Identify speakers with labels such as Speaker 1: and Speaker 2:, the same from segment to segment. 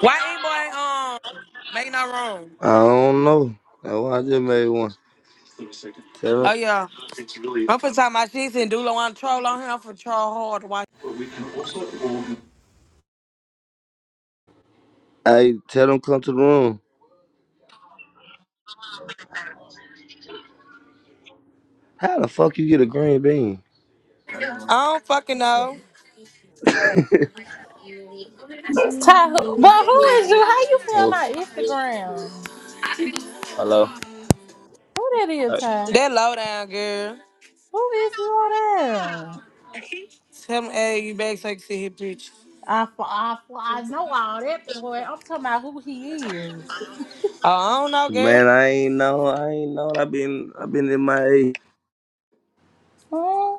Speaker 1: Why ain't boy um make no wrong?
Speaker 2: I don't know. That's why I just made one. Tell
Speaker 1: Oh
Speaker 2: them,
Speaker 1: yeah. I'm for talk my shit and Dulo on troll on him I'm for troll hard. Why?
Speaker 2: hey, tell them come to the room. How the fuck you get a green bean?
Speaker 1: I don't fucking know.
Speaker 3: Ty, who, boy, who is you? How you feel
Speaker 2: Oh,
Speaker 3: my Instagram?
Speaker 2: hello.
Speaker 3: Who that
Speaker 2: Hey.
Speaker 3: is, Ty?
Speaker 1: That low down girl.
Speaker 3: Who is you down?
Speaker 1: Tell me, hey, you back so you can see his bitch.
Speaker 3: I, fo- I, fo- I know all that boy. I'm talking about who he is.
Speaker 1: Oh, I don't know, girl.
Speaker 2: Man, I ain't know. I ain't know. I been, I been in my age.
Speaker 3: Hmm?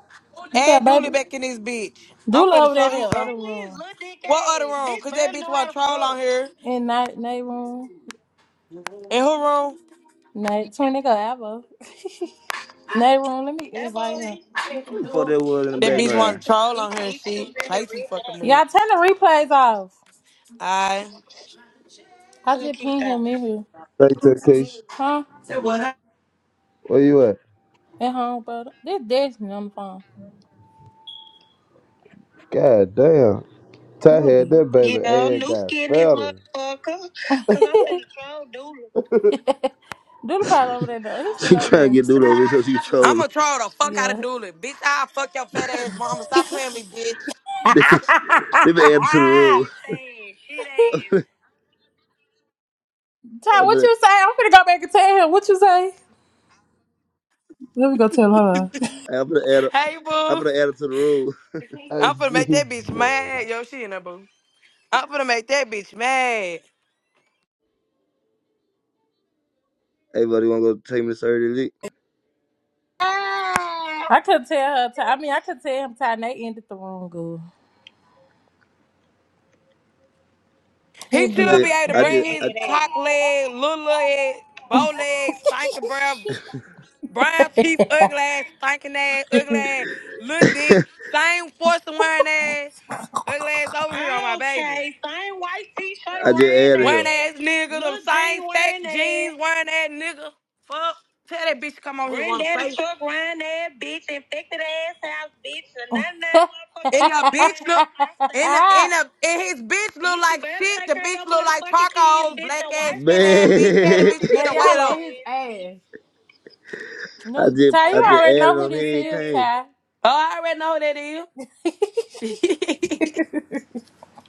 Speaker 3: You
Speaker 1: Hey,
Speaker 3: got
Speaker 1: Dooley
Speaker 3: baby.
Speaker 1: back in this bitch. I'm
Speaker 3: Do
Speaker 1: finna
Speaker 3: over there
Speaker 1: show
Speaker 3: in
Speaker 1: his
Speaker 3: that
Speaker 1: some.
Speaker 3: other room. Little dick
Speaker 1: What other
Speaker 3: ass.
Speaker 1: room?
Speaker 3: Bitch,
Speaker 1: Cause that
Speaker 3: birds
Speaker 1: bitch
Speaker 3: know how
Speaker 1: want to
Speaker 3: to
Speaker 1: troll on
Speaker 3: fuck.
Speaker 1: here.
Speaker 3: In night, night room.
Speaker 1: In her room,
Speaker 3: Night, 20 go Avo. night room, let me that invite boy, him.
Speaker 2: Who the fuck that was in
Speaker 3: Put
Speaker 2: the
Speaker 1: that
Speaker 3: that
Speaker 1: bitch
Speaker 2: background?
Speaker 1: want to
Speaker 3: nasty
Speaker 1: troll
Speaker 3: dick
Speaker 1: on her and
Speaker 3: bitch up
Speaker 1: shit.
Speaker 3: in here
Speaker 1: Play some
Speaker 3: right
Speaker 1: fucking
Speaker 3: now.
Speaker 1: with.
Speaker 3: Y'all turn the replays off.
Speaker 1: Alright.
Speaker 3: I Look, just he pinged out. him in here.
Speaker 4: Thank you, Keisha.
Speaker 3: Huh?
Speaker 4: Where you at?
Speaker 3: At home, brother. This Destiny on the phone.
Speaker 4: God damn. Ty had
Speaker 3: Really?
Speaker 4: that baby
Speaker 3: Yeah,
Speaker 4: ass
Speaker 3: new
Speaker 4: got
Speaker 3: skin this
Speaker 4: fatter.
Speaker 3: motherfucker. Cause I'm is- finna troll Dooley. Doodle probably over there though. He's
Speaker 2: She
Speaker 3: still over
Speaker 2: trying to
Speaker 3: there.
Speaker 2: get dude over here so she can troll her.
Speaker 1: I'ma troll the fuck out of
Speaker 3: Yeah.
Speaker 1: Dooley. Bitch, I'll fuck your fat ass mama. Stop playing me, bitch.
Speaker 2: they they been added to the
Speaker 3: Ty,
Speaker 2: rule.
Speaker 3: Saying shit ass.
Speaker 2: I'm
Speaker 3: what
Speaker 2: gonna,
Speaker 3: you say? I'm gonna go back and tell him. What you say? Let me go tell her.
Speaker 2: I'm gonna add, her-
Speaker 1: Hey,
Speaker 2: I'm
Speaker 1: boo.
Speaker 2: gonna add her to the rule.
Speaker 4: I
Speaker 1: I'm finna make
Speaker 4: see.
Speaker 1: that bitch
Speaker 4: God
Speaker 1: mad. Yo, she in there, boo. I'm finna make that bitch mad.
Speaker 2: Hey, buddy, wanna go take me to surgery?
Speaker 3: I could tell her. Ty, I mean, I could tell him. Ty, they ended the wrong girl. He'll
Speaker 1: He
Speaker 2: I
Speaker 3: be all
Speaker 1: should
Speaker 2: just,
Speaker 1: be
Speaker 3: right.
Speaker 1: able to
Speaker 2: I
Speaker 3: They
Speaker 1: bring
Speaker 2: just,
Speaker 1: his
Speaker 2: I,
Speaker 3: mad ass.
Speaker 1: cock leg, little leg, bow leg, stinking breath, brown teeth, ugly ass, stinking ass, ugly ass, little dick, same force of wearing ass, ugly ass over here on my baby.
Speaker 3: Okay, same white t-shirt
Speaker 2: I just
Speaker 3: wearing
Speaker 2: added her.
Speaker 1: Wearing
Speaker 3: that,
Speaker 1: ass nigga,
Speaker 3: little
Speaker 1: them same
Speaker 3: jean
Speaker 1: stack
Speaker 3: wearing that,
Speaker 1: jeans, wearing ass nigga. Fuck. Tell that bitch to come over here, wanna
Speaker 3: granddaddy
Speaker 1: play.
Speaker 3: truck wearing that, bitch, infected ass house, bitch, and nothing that
Speaker 1: And your
Speaker 3: motherfucking
Speaker 1: bitch look
Speaker 3: damn house,
Speaker 1: and a,
Speaker 3: house,
Speaker 1: and a, and his bitch
Speaker 3: bitch,
Speaker 1: look
Speaker 3: you
Speaker 1: like
Speaker 3: better
Speaker 1: shit.
Speaker 3: take
Speaker 1: The
Speaker 3: care of
Speaker 1: bitch
Speaker 3: your
Speaker 1: look like
Speaker 3: motherfucking kids,
Speaker 1: charcoal,
Speaker 3: bitch, your
Speaker 1: black ass,
Speaker 3: wife
Speaker 1: skin
Speaker 3: don't
Speaker 1: ass
Speaker 3: want the
Speaker 1: bitch. Tell the
Speaker 2: Man.
Speaker 1: bitch
Speaker 3: sorry
Speaker 1: to get
Speaker 3: But
Speaker 1: her weight
Speaker 3: y'all on
Speaker 1: up.
Speaker 3: his ass.
Speaker 2: I
Speaker 3: No,
Speaker 2: just
Speaker 3: Ty,
Speaker 2: I
Speaker 3: you
Speaker 2: just
Speaker 3: already
Speaker 2: added
Speaker 3: know who
Speaker 2: him. He
Speaker 3: this
Speaker 2: ain't
Speaker 3: is,
Speaker 2: came.
Speaker 3: Ty.
Speaker 1: Oh, I already know who that is.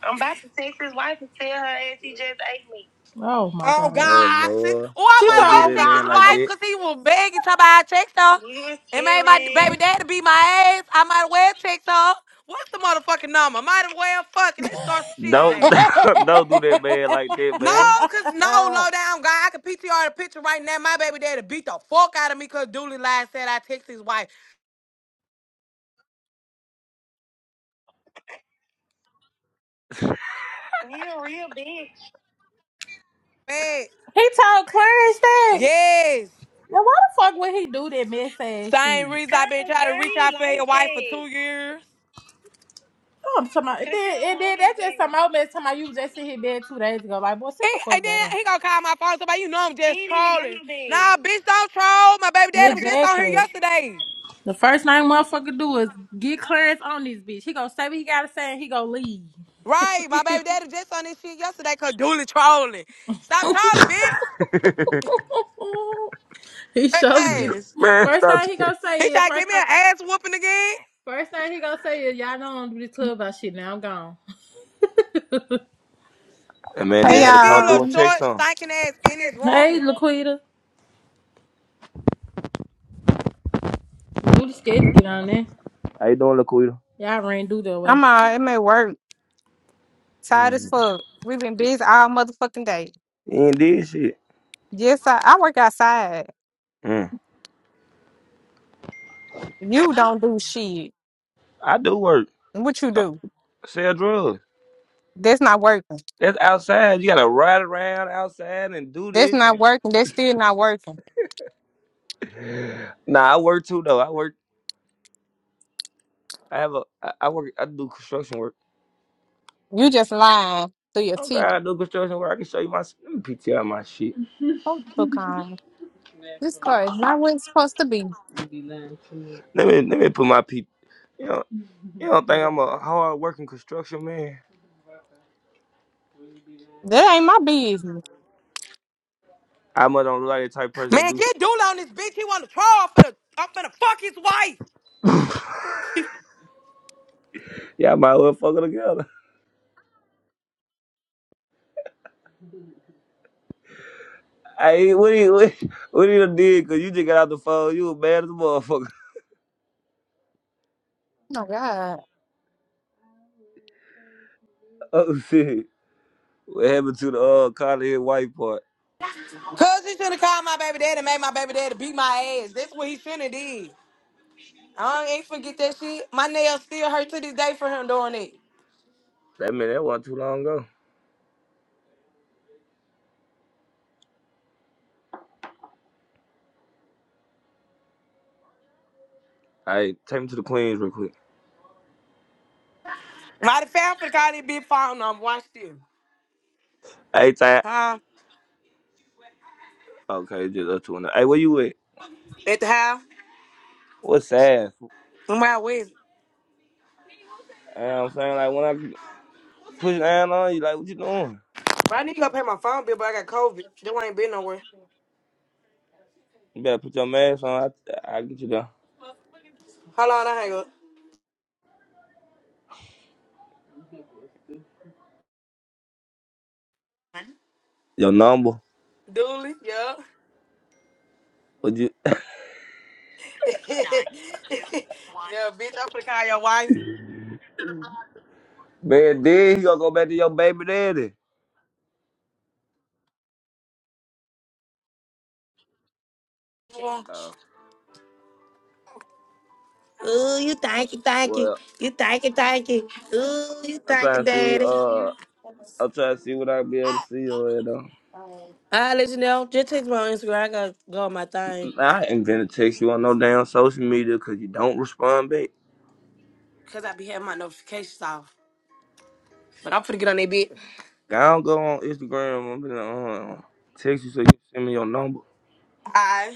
Speaker 3: I'm about to text his wife and tell her ass he just ate me. Oh my
Speaker 1: Oh
Speaker 3: god.
Speaker 2: Oh
Speaker 1: God. See-
Speaker 2: Lord,
Speaker 1: Oh, I
Speaker 3: She said,
Speaker 1: might
Speaker 2: don't do
Speaker 1: well
Speaker 3: oh
Speaker 2: that
Speaker 1: text
Speaker 2: man
Speaker 1: his
Speaker 2: like
Speaker 3: god.
Speaker 1: wife
Speaker 2: that.
Speaker 1: because he was begging somebody I text her.
Speaker 3: You a
Speaker 1: It made my
Speaker 3: scary. ass
Speaker 1: baby daddy beat my ass. I might well text her. What's the motherfucking number? Might as well fucking. Let's start some shit
Speaker 2: Don't
Speaker 3: He
Speaker 1: today.
Speaker 2: don't do that man like that
Speaker 1: No,
Speaker 2: man.
Speaker 1: cause no, low down guy. I can PTR the picture right now. My baby daddy beat the fuck out of me cause Dooley lied said I text his wife.
Speaker 3: You a real bitch.
Speaker 1: Man,
Speaker 3: he told Clarence that.
Speaker 1: yes.
Speaker 3: Now why the fuck would he do that mess ass
Speaker 1: Same
Speaker 3: shit?
Speaker 1: reason
Speaker 3: Cause
Speaker 1: i been trying to
Speaker 3: girl,
Speaker 1: reach
Speaker 3: he
Speaker 1: out for
Speaker 3: like
Speaker 1: your wife for
Speaker 3: that.
Speaker 1: two years.
Speaker 3: Oh, I'm talking about, and Cause he then, don't and then want his that's just some bed. old man talking about you was just in his bed two days ago. Like, boy, sit
Speaker 1: He,
Speaker 3: the
Speaker 1: and
Speaker 3: fuck down.
Speaker 1: then he gonna call my phone. Somebody, you know I'm
Speaker 3: He
Speaker 1: just
Speaker 3: ain't even got
Speaker 1: trolling.
Speaker 3: no
Speaker 1: Nah,
Speaker 3: bed.
Speaker 1: bitch, don't troll. My baby daddy was just on here
Speaker 3: Exactly.
Speaker 1: yesterday.
Speaker 3: The first thing motherfucker do is get Clarence on this bitch. He gonna say what he gotta say and he gonna leave.
Speaker 1: Right, my baby daddy was just on this shit yesterday cause Dooley trolling. Stop trolling, bitch.
Speaker 3: he
Speaker 1: Fake
Speaker 3: surely get.
Speaker 1: ass.
Speaker 2: man,
Speaker 3: First
Speaker 2: stop.
Speaker 3: thing he
Speaker 2: That
Speaker 3: gonna
Speaker 1: He
Speaker 3: say is
Speaker 1: try to
Speaker 3: first.
Speaker 1: give me
Speaker 3: thing.
Speaker 1: an ass whooping again.
Speaker 3: First thing he gonna say is, y'all know I don't do this clubhouse shit now. I'm gone.
Speaker 2: That man just
Speaker 5: Hey
Speaker 2: had
Speaker 1: Tell
Speaker 2: to
Speaker 1: him get
Speaker 2: come
Speaker 1: his
Speaker 2: through
Speaker 1: little
Speaker 2: and
Speaker 5: y'all.
Speaker 2: check
Speaker 1: short,
Speaker 2: some.
Speaker 1: stinking ass in his
Speaker 3: Hey,
Speaker 1: room.
Speaker 3: Laquita. Duty scared to get on there.
Speaker 2: How you doing, Laquita?
Speaker 3: Y'all ran do that way.
Speaker 5: I'm out. It may work. Tired as
Speaker 2: Mm.
Speaker 5: fuck. We've been busy all motherfucking day.
Speaker 2: He ain't did shit.
Speaker 5: Yes, I, I work outside.
Speaker 2: Mm.
Speaker 5: You don't do shit.
Speaker 2: I do work.
Speaker 5: What you
Speaker 2: So,
Speaker 5: do?
Speaker 2: sell drugs.
Speaker 5: That's not working.
Speaker 2: That's outside. You gotta ride around outside and do
Speaker 5: That's
Speaker 2: this.
Speaker 5: not working. That's still not working.
Speaker 2: And... Nah, I work too though. I work. I have a. I I work. I do construction work.
Speaker 5: You just lying through your
Speaker 2: Oh
Speaker 5: teeth.
Speaker 2: God, I do construction work. I can show you my let PTR my shit.
Speaker 5: Oh, the fuck on. This car is not where it's supposed to be.
Speaker 2: Let me let me put my pe. You know, you do don't think I'm a hard working construction man?
Speaker 5: That ain't my business.
Speaker 2: I must don't look like the type of person can
Speaker 1: Man,
Speaker 2: do.
Speaker 1: get Dula on this bitch. He want to troll for the. I'm finna fuck his wife.
Speaker 2: Yeah, I might well fuck it together. Hey, what you what, what you done did? Cause you just got out the phone. You was mad as a motherfucker.
Speaker 5: Oh my God.
Speaker 2: Oh shit! What happened to the uh college white part?
Speaker 1: Cause he shoulda called my baby daddy and made my baby daddy beat my ass. That's what he shoulda did. I ain't forget that shit. My nails still hurt to this day for him doing it.
Speaker 2: That man, that wasn't too long ago. Hey, take me to the Queens real quick.
Speaker 1: Mighty fair for the call this big phone number. Watch this.
Speaker 2: Hey, Ty.
Speaker 1: Huh?
Speaker 2: Okay, just up to another. Hey, where you at?
Speaker 1: At the house.
Speaker 2: What's sad? You
Speaker 1: I'm out west.
Speaker 2: know what I'm saying like when I push down on you, like what you doing?
Speaker 1: But I need to go pay my phone bill, but I got COVID. They ain't been nowhere.
Speaker 2: You better put your mask on. I I get you down.
Speaker 1: Hold on, I hang up.
Speaker 2: Your number.
Speaker 1: Dooley, yeah.
Speaker 2: Would you
Speaker 1: yeah, bitch, I'm finna call your wife
Speaker 2: man then he gonna go back to your baby daddy?
Speaker 1: Yeah.
Speaker 2: Oh,
Speaker 1: Ooh, you thank you, thank you.
Speaker 2: well,
Speaker 1: You thank you, thank you. Ooh, you
Speaker 2: I'm
Speaker 1: thank you,
Speaker 2: trying to see
Speaker 1: daddy.
Speaker 2: uh I'm trying to see what i be able to see or you know.
Speaker 1: I let you know. Just text me on Instagram. I gotta go on my thing.
Speaker 2: I ain't gonna text you on no damn social media cause you don't respond back.
Speaker 1: Cause I be having my notifications off. But I'm finna get on that bit.
Speaker 2: I don't go on Instagram, I'm gonna uh, text you so you send me your number.
Speaker 1: Alright.